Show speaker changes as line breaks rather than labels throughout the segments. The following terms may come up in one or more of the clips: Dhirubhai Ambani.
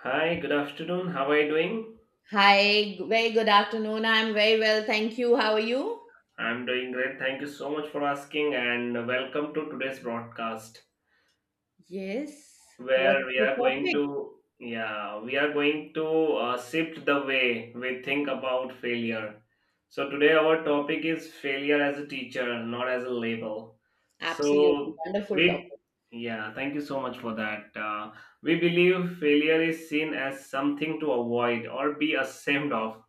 Hi, good afternoon. How are you doing?
Hi, very good afternoon. I'm very well, thank you. How are you?
I'm doing great. Thank you so much for asking and welcome to today's broadcast
Yes. What's
where we
the
are going
topic?
to yeah, we are going to shift the way we think about failure. So today our topic is failure as a teacher, not as a label.
Absolutely
So
wonderful
we
topic.
Yeah, Thank you so much for that. We believe failure is seen as something to avoid or be ashamed of.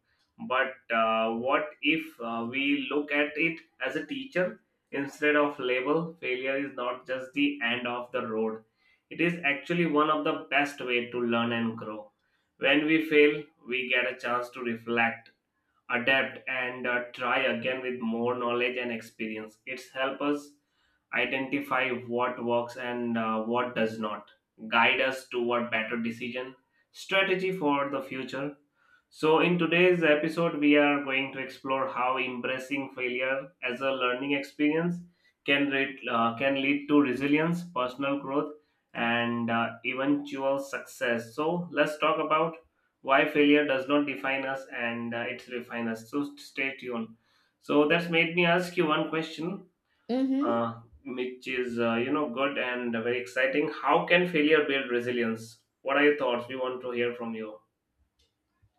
But what if we look at it as a teacher instead of label? Failure is not just the end of the road. It is actually one of the best way to learn and grow. When we fail, we get a chance to reflect, adapt, and try again with more knowledge and experience. It's help us identify what works and what does not, guide us toward better decision strategy for the future. So, in today's episode, we are going to explore how embracing failure as a learning experience can lead to resilience, personal growth, and eventual success. So, let's talk about why failure does not define us and it's refine us. So, stay tuned. So, that's made me ask you one question
Mm-hmm.
uh, which is you know good and very exciting. How can failure build resilience? What are your thoughts? We want to hear from you.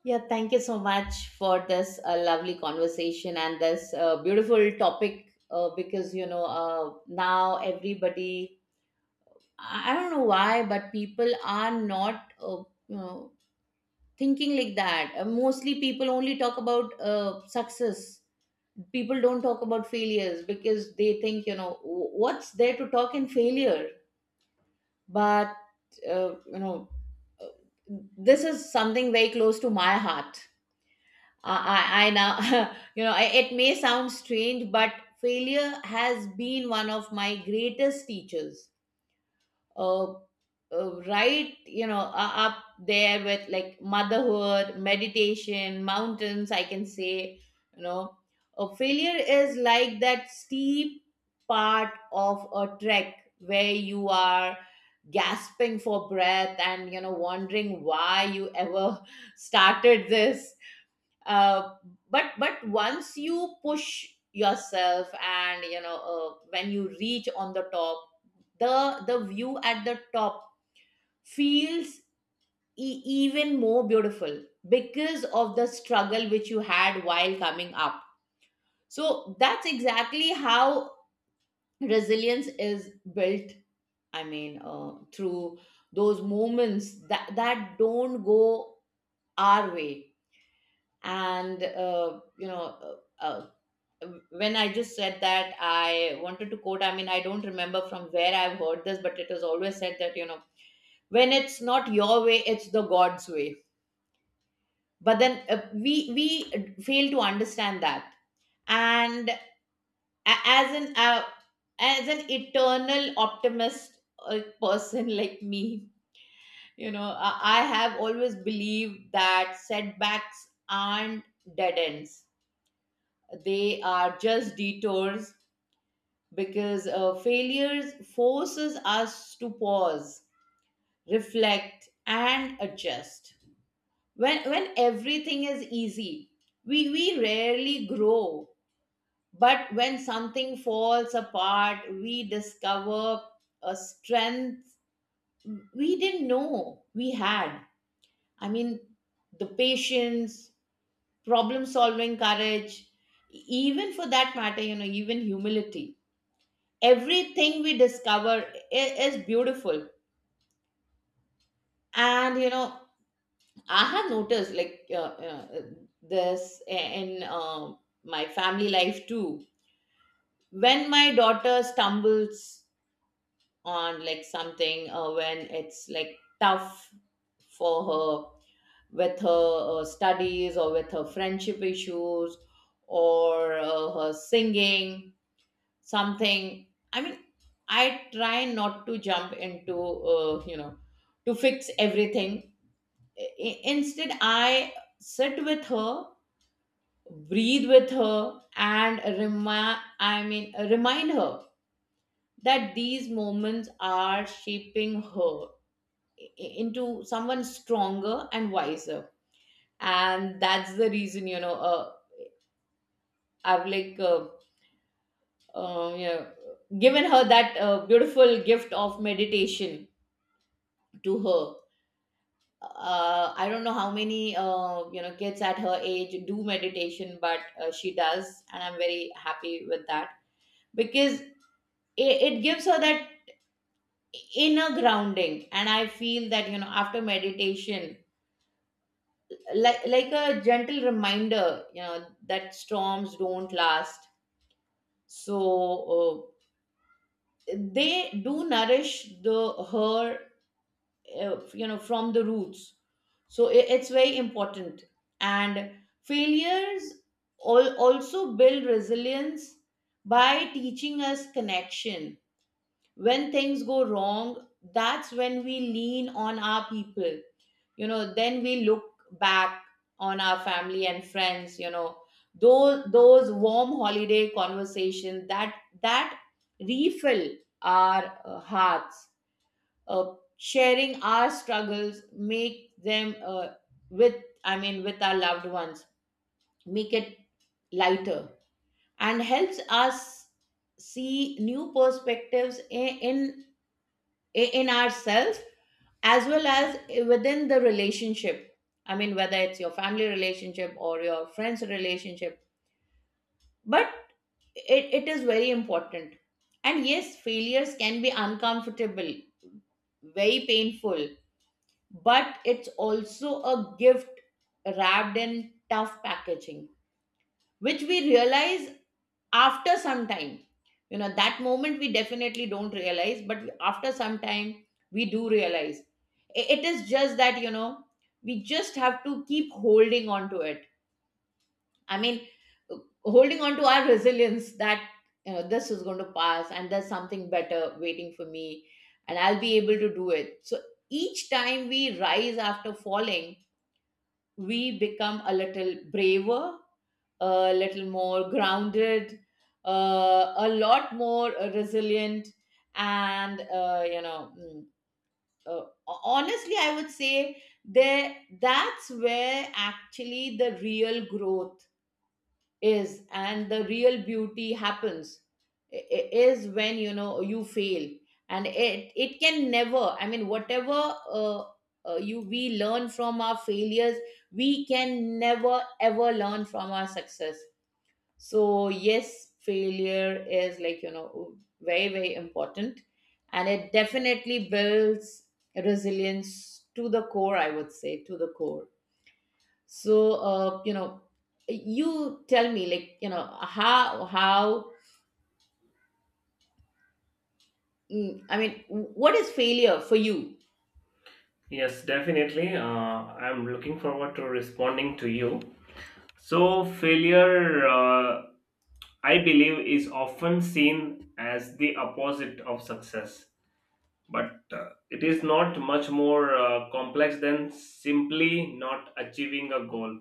Yeah, thank you so much for this lovely conversation and this beautiful topic. Because now everybody, I don't know why, but people are not, thinking like that. Mostly, people only talk about success. People don't talk about failures because they think, what's there to talk in failure?" But uh, you know uh, this is something very close to my heart. i i, I now I, it may sound strange, but failure has been one of my greatest teachers. uh, right, up there with, like, motherhood, meditation, mountains, I can say. you know a failure is like that steep part of a trek where you are gasping for breath and, wondering why you ever started this. Uh, but but once you push yourself and, when you reach on the top, the view at the top feels even more beautiful because of the struggle which you had while coming up. So that's exactly how resilience is built, I mean, through those moments that don't go our way. And, uh, when I just said that, I wanted to quote, I mean, I don't remember from where I've heard this, but it was always said that, when it's not your way, it's the God's way. But then, we fail to understand that. And as an uh, as an eternal optimist person like me, you know, I have always believed that setbacks aren't dead ends; they are just detours, because failures forces us to pause, reflect, and adjust. When everything is easy, we rarely grow, but when something falls apart, we discover a strength we didn't know we had. I mean, the patience, problem solving, courage, even for that matter, even humility, everything we discover is beautiful. And, I have noticed, like, this in my family life too. When my daughter stumbles on, like, something, when it's like tough for her, with her studies, or with her friendship issues, or her singing something, I mean, I try not to jump into, uh, you know to fix everything. Instead, I sit with her, breathe with her, and remind I mean, remind her that these moments are shaping her i- into someone stronger and wiser. And that's the reason, I've, like, um, you know given her that beautiful gift of meditation to her. I don't know how many kids at her age do meditation, but she does, and I'm very happy with that, because it gives her that inner grounding. And I feel that, after meditation, like a gentle reminder, you know that storms don't last. So, they do nourish the her, from the roots, so it's very important. And failures also build resilience by teaching us connection. When things go wrong, that's when we lean on our people. Then we look back on our family and friends, those warm holiday conversations that refill our hearts. Sharing our struggles, make them, with I mean, with our loved ones, make it lighter, and helps us see new perspectives in ourselves, as well as within the relationship. I mean, whether it's your family relationship or your friends relationship, but it is very important. And yes, failures can be uncomfortable, very painful, but it's also a gift wrapped in tough packaging, which we realize after some time. You know, that moment we definitely don't realize, but after some time we do realize. It is just that, we just have to keep holding on to it. I mean, holding on to our resilience that, this is going to pass and there's something better waiting for me, and I'll be able to do it. So each time we rise after falling, we become a little braver, a little more grounded, a lot more resilient, and, honestly, I would say, there that's where actually the real growth is and the real beauty happens. Is when, you know, you fail, and it can never, I mean, whatever uh, you we learn from our failures, we can never ever learn from our success. So yes, failure is, like, very, very important, and it definitely builds resilience to the core, I would say, to the core. So, you tell me, like, how I mean, what is failure for you?
Yes, definitely. I'm looking forward to responding to you. So, failure, I believe, is often seen as the opposite of success, but it is not much more complex than simply not achieving a goal.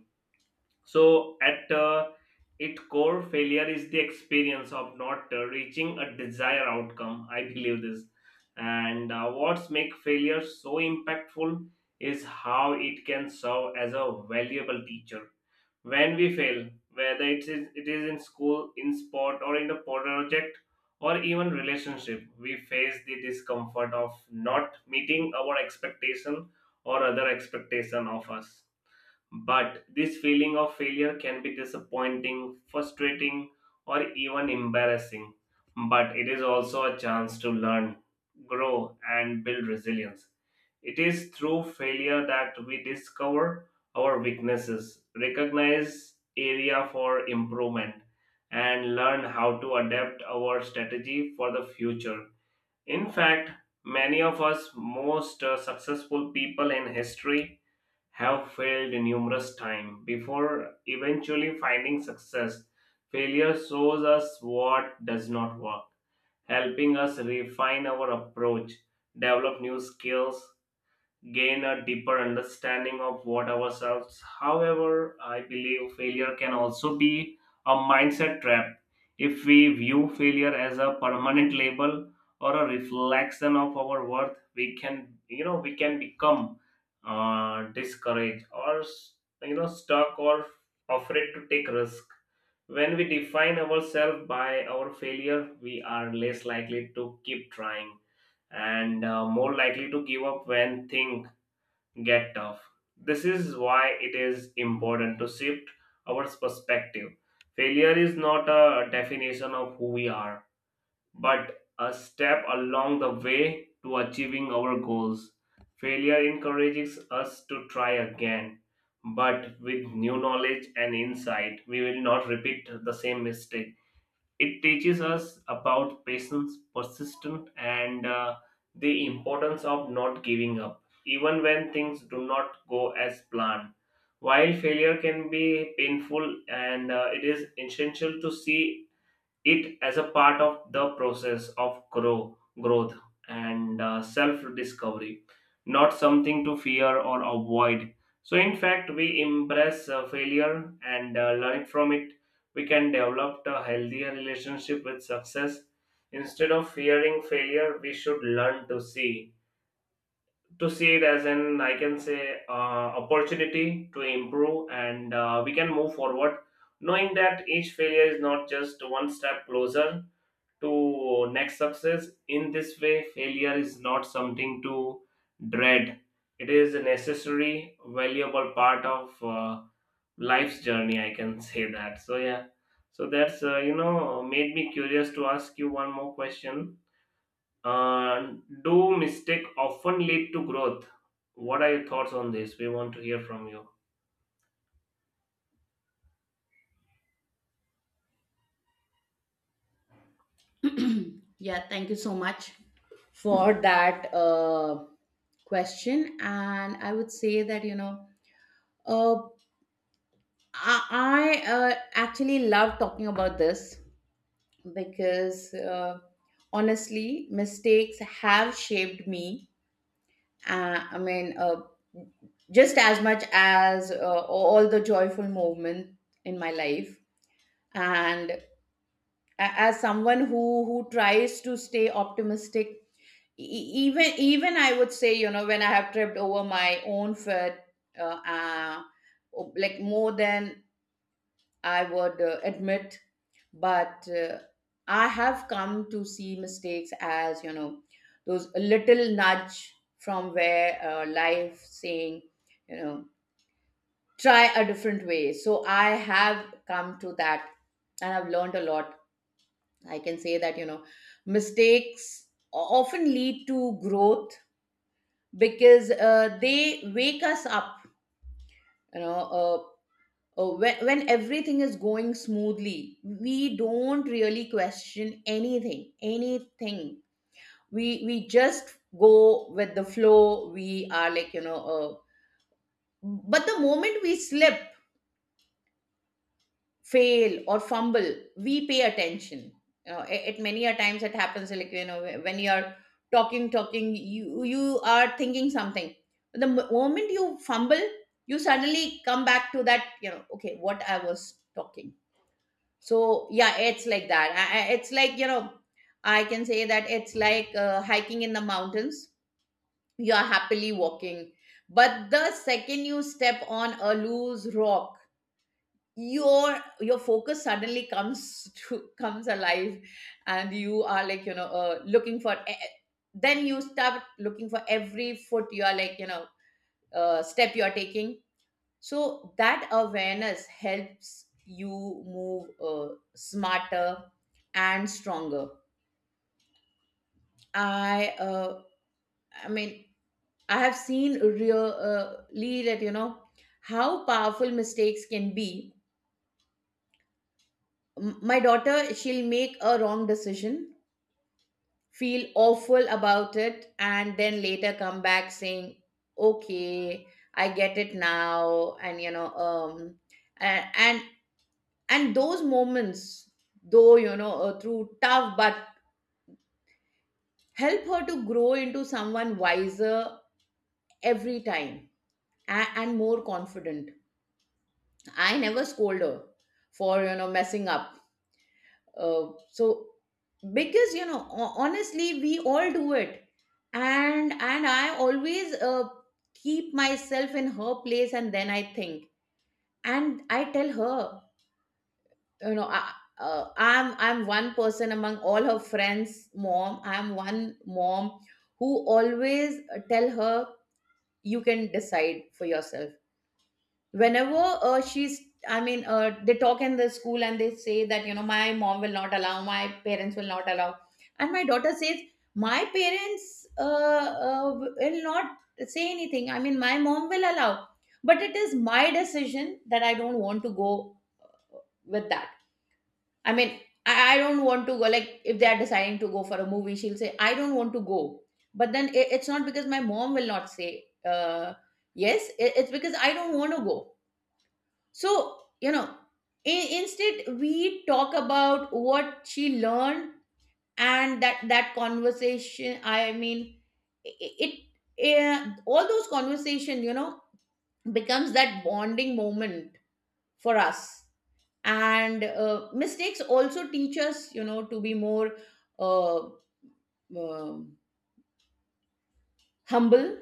So, at its core, failure is the experience of not reaching a desired outcome. I believe this. And what's make failure so impactful is how it can serve as a valuable teacher. When we fail, whether it is in school, in sport, or in a project, or even relationship, we face the discomfort of not meeting our expectation or other expectation of us but this feeling of failure can be disappointing, frustrating, or even embarrassing. But it is also a chance to learn, grow, and build resilience. It is through failure that we discover our weaknesses, recognize area for improvement, and learn how to adapt our strategy for the future. In fact, many of us most successful people in history have failed numerous times before eventually finding success. Failure shows us what does not work, helping us refine our approach, develop new skills, gain a deeper understanding of what ourselves. However, I believe failure can also be a mindset trap if we view failure as a permanent label or a reflection of our worth. We can, you know, we can become discouraged or you know stuck or afraid to take risk. When we define ourselves by our failure, we are less likely to keep trying and more likely to give up when things get tough. This is why it is important to shift our perspective. Failure is not a definition of who we are, but a step along the way to achieving our goals. Failure encourages us to try again, but with new knowledge and insight, we will not repeat the same mistake. It teaches us about patience, persistence, and the importance of not giving up, even when things do not go as planned. While failure can be painful, and it is essential to see it as a part of the process of growth and self discovery, not something to fear or avoid. So in fact we embrace failure and learn from it, we can develop a healthier relationship with success. Instead of fearing failure we should learn to see it as an I can say opportunity to improve and we can move forward knowing that each failure is not just one step closer to next success. In this way, failure is not something to dread. It is a necessary, valuable part of life's journey. I can say that. So yeah. So that's you know made me curious to ask you one more question. Uh, do mistake often lead to growth? What are your thoughts on this? We want to hear from you.
Yeah, thank you so much for that question. And I would say that, uh, I actually love talking about this, because honestly, mistakes have shaped me, I mean, just as much as all the joyful movement in my life. And as someone who tries to stay optimistic, e- e, even even I would say, you know, when I have tripped over my own foot, uh, uh, like more than I would admit. But I have come to see mistakes as, those little nudge from where, life saying, you know, try a different way. So I have come to that, and I've learned a lot. I can say that, mistakes often lead to growth, because they wake us up. You know, uh, when everything is going smoothly, we don't really question anything. We just go with the flow. We are, like, but the moment we slip, fail, or fumble, we pay attention. It, it many a times it happens, like, you know, when you are talking, you are thinking something. The moment you fumble, you suddenly come back to that, you know, okay, what I was talking. So yeah, it's like that. It's like, you know, I can say that, it's like, hiking in the mountains. You are happily walking, but the second you step on a loose rock, your focus suddenly comes to comes alive. And you are, like, you know, looking for then you start looking for every foot, you are, like, you know, step you are taking. So that awareness helps you move, smarter and stronger. I, uh, I mean, I have seen really that, you know, how powerful mistakes can be. My daughter, she'll make a wrong decision, feel awful about it, and then later come back saying, "Okay, I get it now," and, and, and those moments, though, you know, through tough, but help her to grow into someone wiser every time, and more confident. I never scold her for, messing up, so, because, honestly, we all do it. And I always, keep myself in her place, and then I think, and I tell her, you know, I'm one person among all her friends mom, I'm one mom who always, tell her, you can decide for yourself, whenever she's I mean, they talk in the school and they say that, you know, my mom will not allow, my parents will not allow. And my daughter says, my parents, uh, will not say anything, I mean, my mom will allow, but it is my decision that I don't want to go with that. I mean, I don't want to go. Like, if they are deciding to go for a movie, she'll say, I don't want to go. But then it's not because my mom will not say, yes, it's because I don't want to go. So, instead, we talk about what she learned, and that conversation. I mean, it, it all those conversation becomes that bonding moment for us. And mistakes also teach us to be more uh, uh, humble,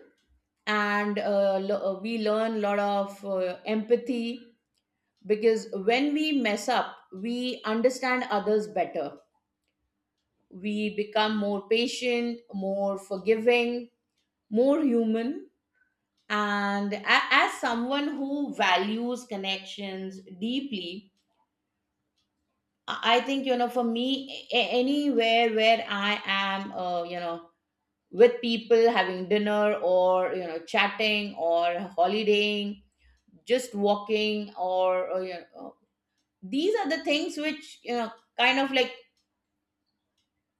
and we learn a lot of empathy. Because when we mess up, we understand others better. We become more patient, more forgiving, more human. And as someone who values connections deeply, I think for me, anywhere where I am with people, having dinner or chatting or holidaying, just walking, these are the things which kind of like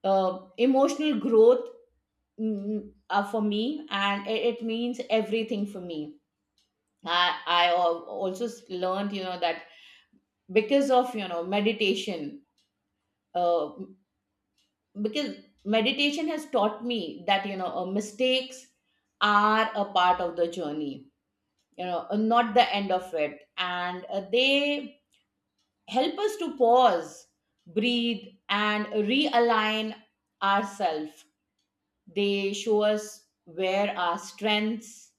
emotional growth are for me, and it means everything for me. I also learned that, because of meditation, uh, because meditation has taught me that mistakes are a part of the journey, not the end of it. And they help us to pause, breathe, and realign ourselves. They show us where our strengths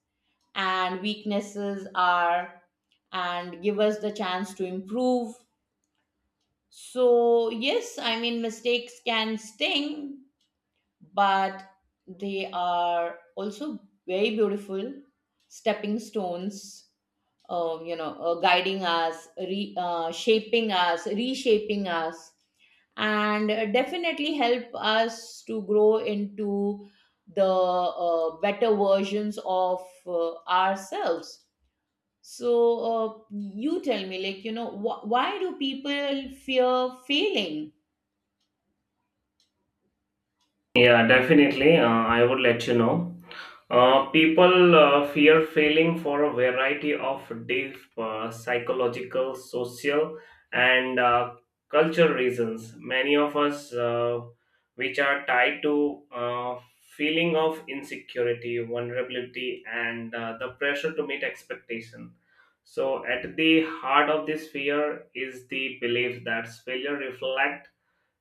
and weaknesses are, and give us the chance to improve. So yes, I mean, mistakes can sting, but they are also very beautiful stepping stones, guiding us, shaping us, reshaping us, and definitely help us to grow into the better versions of ourselves. So, you tell me, like, why do people fear failing?
Yeah, definitely. I would let you know. People fear failing for a variety of deep psychological, social, and cultural reasons. Many of us, which are tied to feeling of insecurity, vulnerability, and the pressure to meet expectation. So, at the heart of this fear is the belief that failure reflects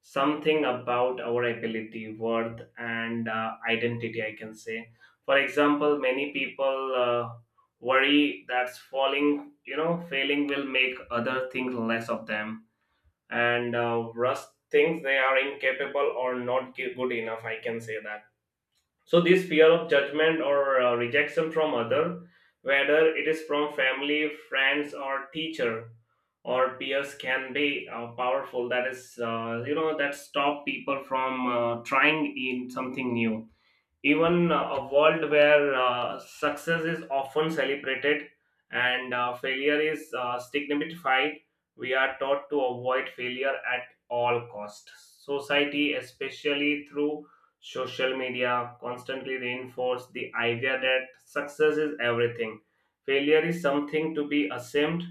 something about our ability worth and identity I can say. For example many people worry that falling you know failing will make other things less of them and rust thinks they are incapable or not good enough I can say that. So this fear of judgment or rejection from other, whether it is from family, friends, or teacher or peers, can be powerful. That is, you know, that stop people from trying in something new, even a world where success is often celebrated and failure is stigmatized. We are taught to avoid failure at all cost. Society especially through social media constantly reinforce the idea that success is everything, failure is something to be assumed.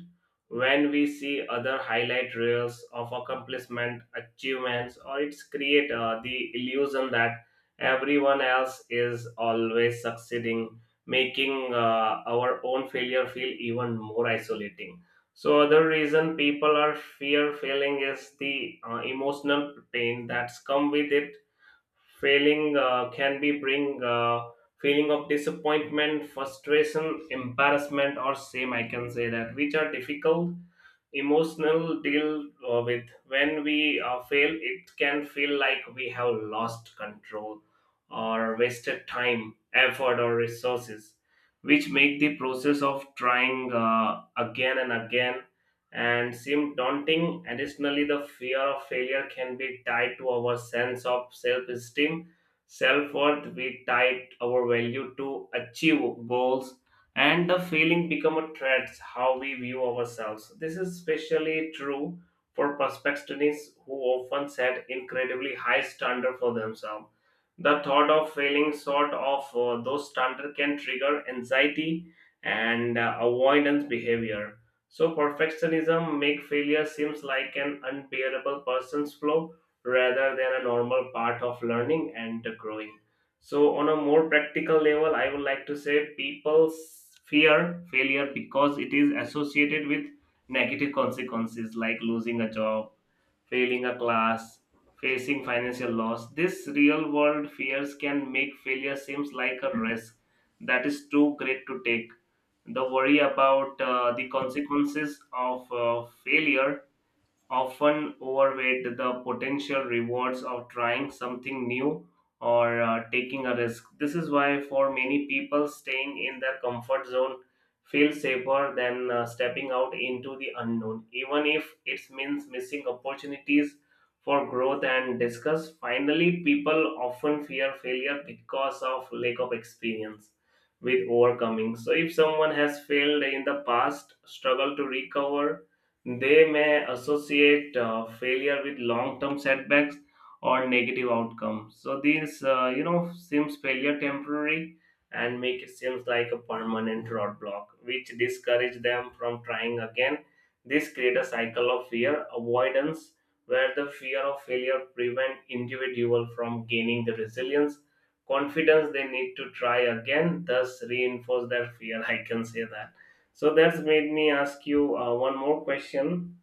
When we see other highlight reels of accomplishment achievements or it's create the illusion that everyone else is always succeeding, making our own failure feel even more isolating. So, other reason people are fear failing is the emotional pain that's come with it. Failing can be bring feeling of disappointment, frustration, embarrassment, or shame. I can say that, which are difficult emotional deal with. When we fail it can feel like we have lost control or wasted time effort or resources, which make the process of trying again and again and seem daunting. Additionally the fear of failure can be tied to our sense of self-esteem self-worth. We tie our value to achieve goals and the feeling become a threat how we view ourselves. This is especially true for perfectionists who often set incredibly high standard for themselves. The thought of failing sort of those standard can trigger anxiety and avoidance behavior. So perfectionism make failure seems like an unbearable person's flaw rather than a normal part of learning and growing. So, on a more practical level, I would like to say people fear failure because it is associated with negative consequences like losing a job, failing a class, facing financial loss. This real world fears can make failure seems like a risk that is too great to take. The worry about the consequences of failure often overweight the potential rewards of trying something new or taking a risk. This is why, for many people, staying in their comfort zone feels safer than stepping out into the unknown, even if it means missing opportunities for growth and discuss. Finally, people often fear failure because of lack of experience with overcoming. So, if someone has failed in the past, struggle to recover, they may associate failure with long-term setbacks or negative outcomes. So these, you know, seems failure temporary and make it seems like a permanent roadblock, which discourage them from trying again. This create a cycle of fear avoidance, where the fear of failure prevent individual from gaining the resilience, confidence they need to try again, thus reinforce their fear. I can say that. So that's made me ask you one more question.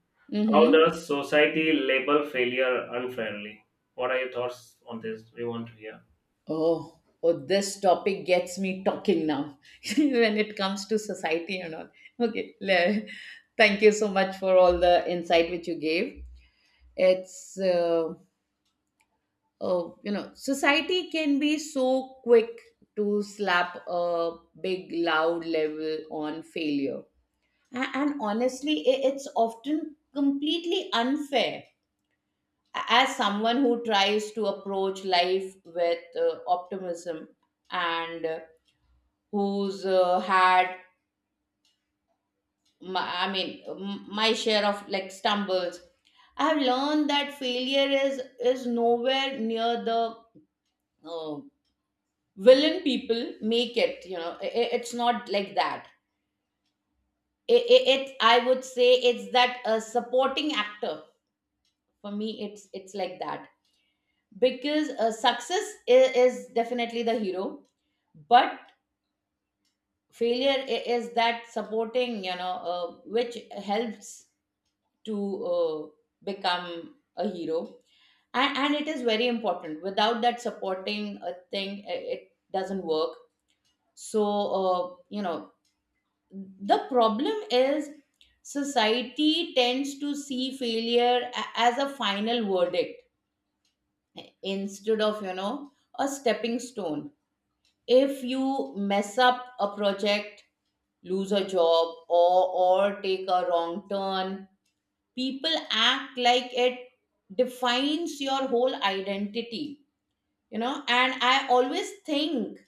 How
Mm-hmm.
does society label failure unfairly? What are your thoughts on this? We want to hear.
Oh, this topic gets me talking now when it comes to society and all. Okay, thank you so much for all the insight which you gave. It's, oh, you know, Society can be so quick to slap a big, loud level on failure. And honestly, it's often completely unfair. As someone who tries to approach life with uh, optimism, and who's had my, my share of, like, stumbles, I have learned that failure is nowhere near the uh, villain people make it. It's not like that. It, it, it i would say it's that supporting actor. For me it's like that, because success is definitely the hero, but failure is that supporting, which helps to become a hero. And it is very important. Without that supporting a thing, it doesn't work. So, uh, you know the problem is, society tends to see failure as a final verdict instead of a stepping stone. If you mess up a project, lose a job, or or take a wrong turn, people act like it defines your whole identity. You know and I always think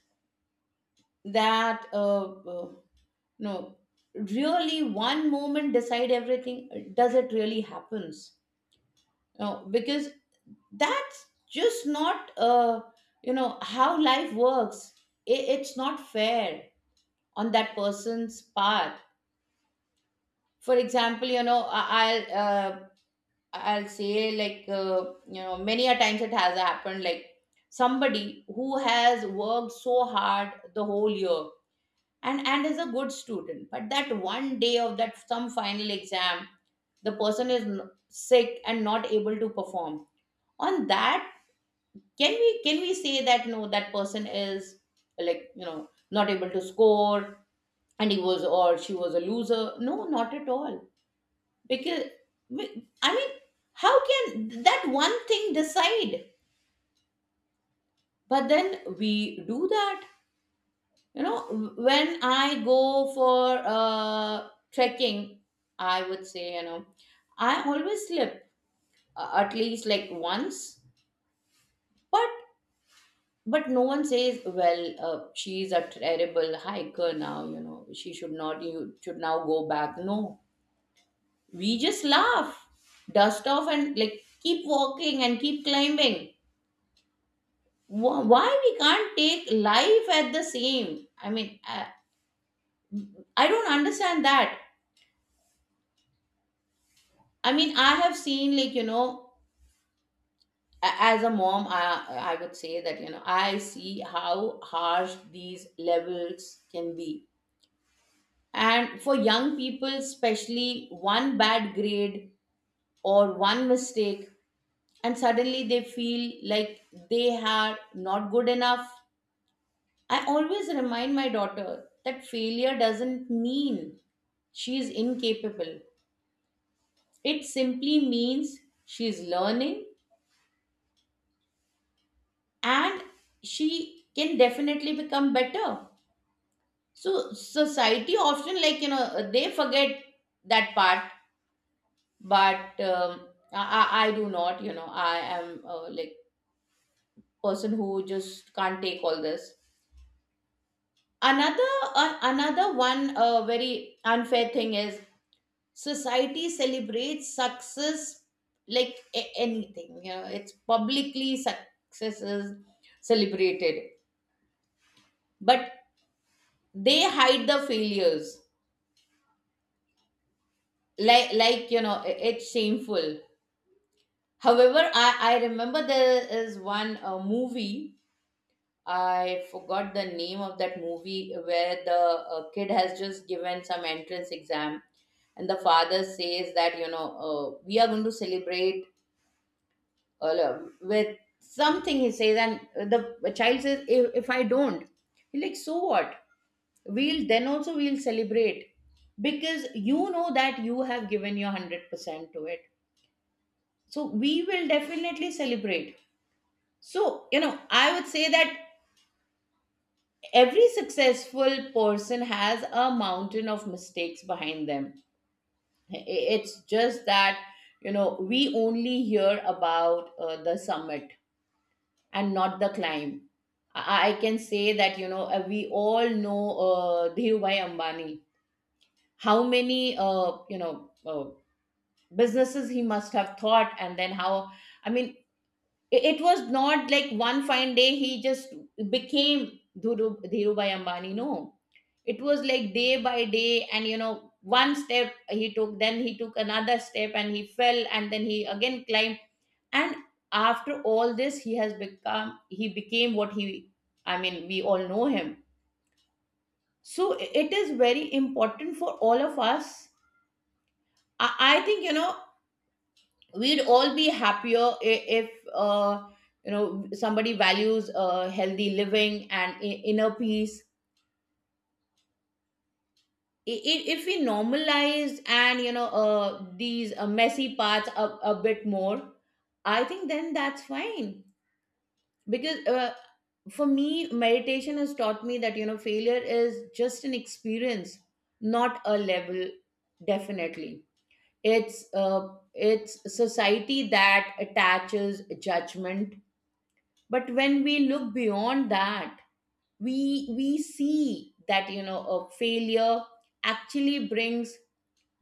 that uh, no, really, one moment decide everything? Does it really happens? No, because that's just not how life works. It's not fair on that person's part. For example, I'll say, like, many a times it has happened like somebody who has worked so hard the whole year and is a good student, but that one day of that some final exam, the person is sick and not able to perform on that. Can we say that, no, that person is, not able to score, and he was or she was a loser? No, not at all. Because I mean, how can that one thing decide? But then we do that you know when I go for trekking, I would say, I always slip, at least like once. But but no one says, well, she's a terrible hiker now, she should not, you should now go back, no. We just laugh, dust off, and like keep walking and keep climbing. Why we can't take life at the same? I mean, I don't understand that. I mean, I have seen, like, as a mom, I would say that, I see how harsh these levels can be. And for young people especially, one bad grade or one mistake, and suddenly they feel like they are not good enough. I always remind my daughter that failure doesn't mean she is incapable. It simply means she is learning, and she can definitely become better. So, society often, like, they forget that part, but I do not, I am, like, person who just can't take all this. Another Another one, very unfair thing is: society celebrates success, like anything, it's publicly, success is celebrated, but they hide the failures, it's shameful. However, I remember there is one movie — I forgot the name of that movie — where the kid has just given some entrance exam, and the father says that we are going to celebrate with something, he says. And the child says, if I don't, he like, so what, we'll then also we'll celebrate, because that you have given your 100% to it, so we will definitely celebrate. So, I would say that every successful person has a mountain of mistakes behind them. It's just that we only hear about the summit and not the climb. I can say that, we all know Dhirubhai Ambani. How many businesses he must have thought, and then how? I mean, it was not like one fine day he just became Dhirubhai Ambani. No, it was like day by day, and one step he took, then he took another step, and he fell, and then he again climbed. And after all this he has become he became what he — I mean, we all know him. So it is very important for all of us. I think, we'd all be happier if somebody values healthy living and inner peace. If we normalize, and these messy parts, a bit more, I think then that's fine. Because for me, meditation has taught me that, failure is just an experience, not a level. Definitely, it's uh, it's society that attaches judgment. But when we look beyond that, we we see that, a failure actually brings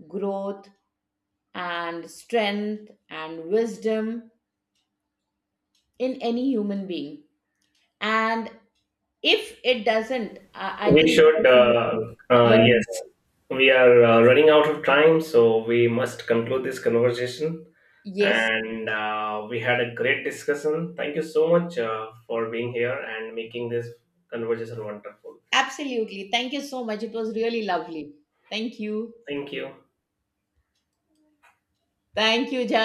growth and strength and wisdom in any human being. And if it doesn't, I
We
think the
should,
person needs to learn
yes,
more.
we are running out of time, so we must conclude this conversation.
Yes,
And we had a great discussion. Thank you so much for being here and making this conversation wonderful.
absolutely. Thank you so much. It was really lovely. Thank you.
Thank you.
Thank you, Jav.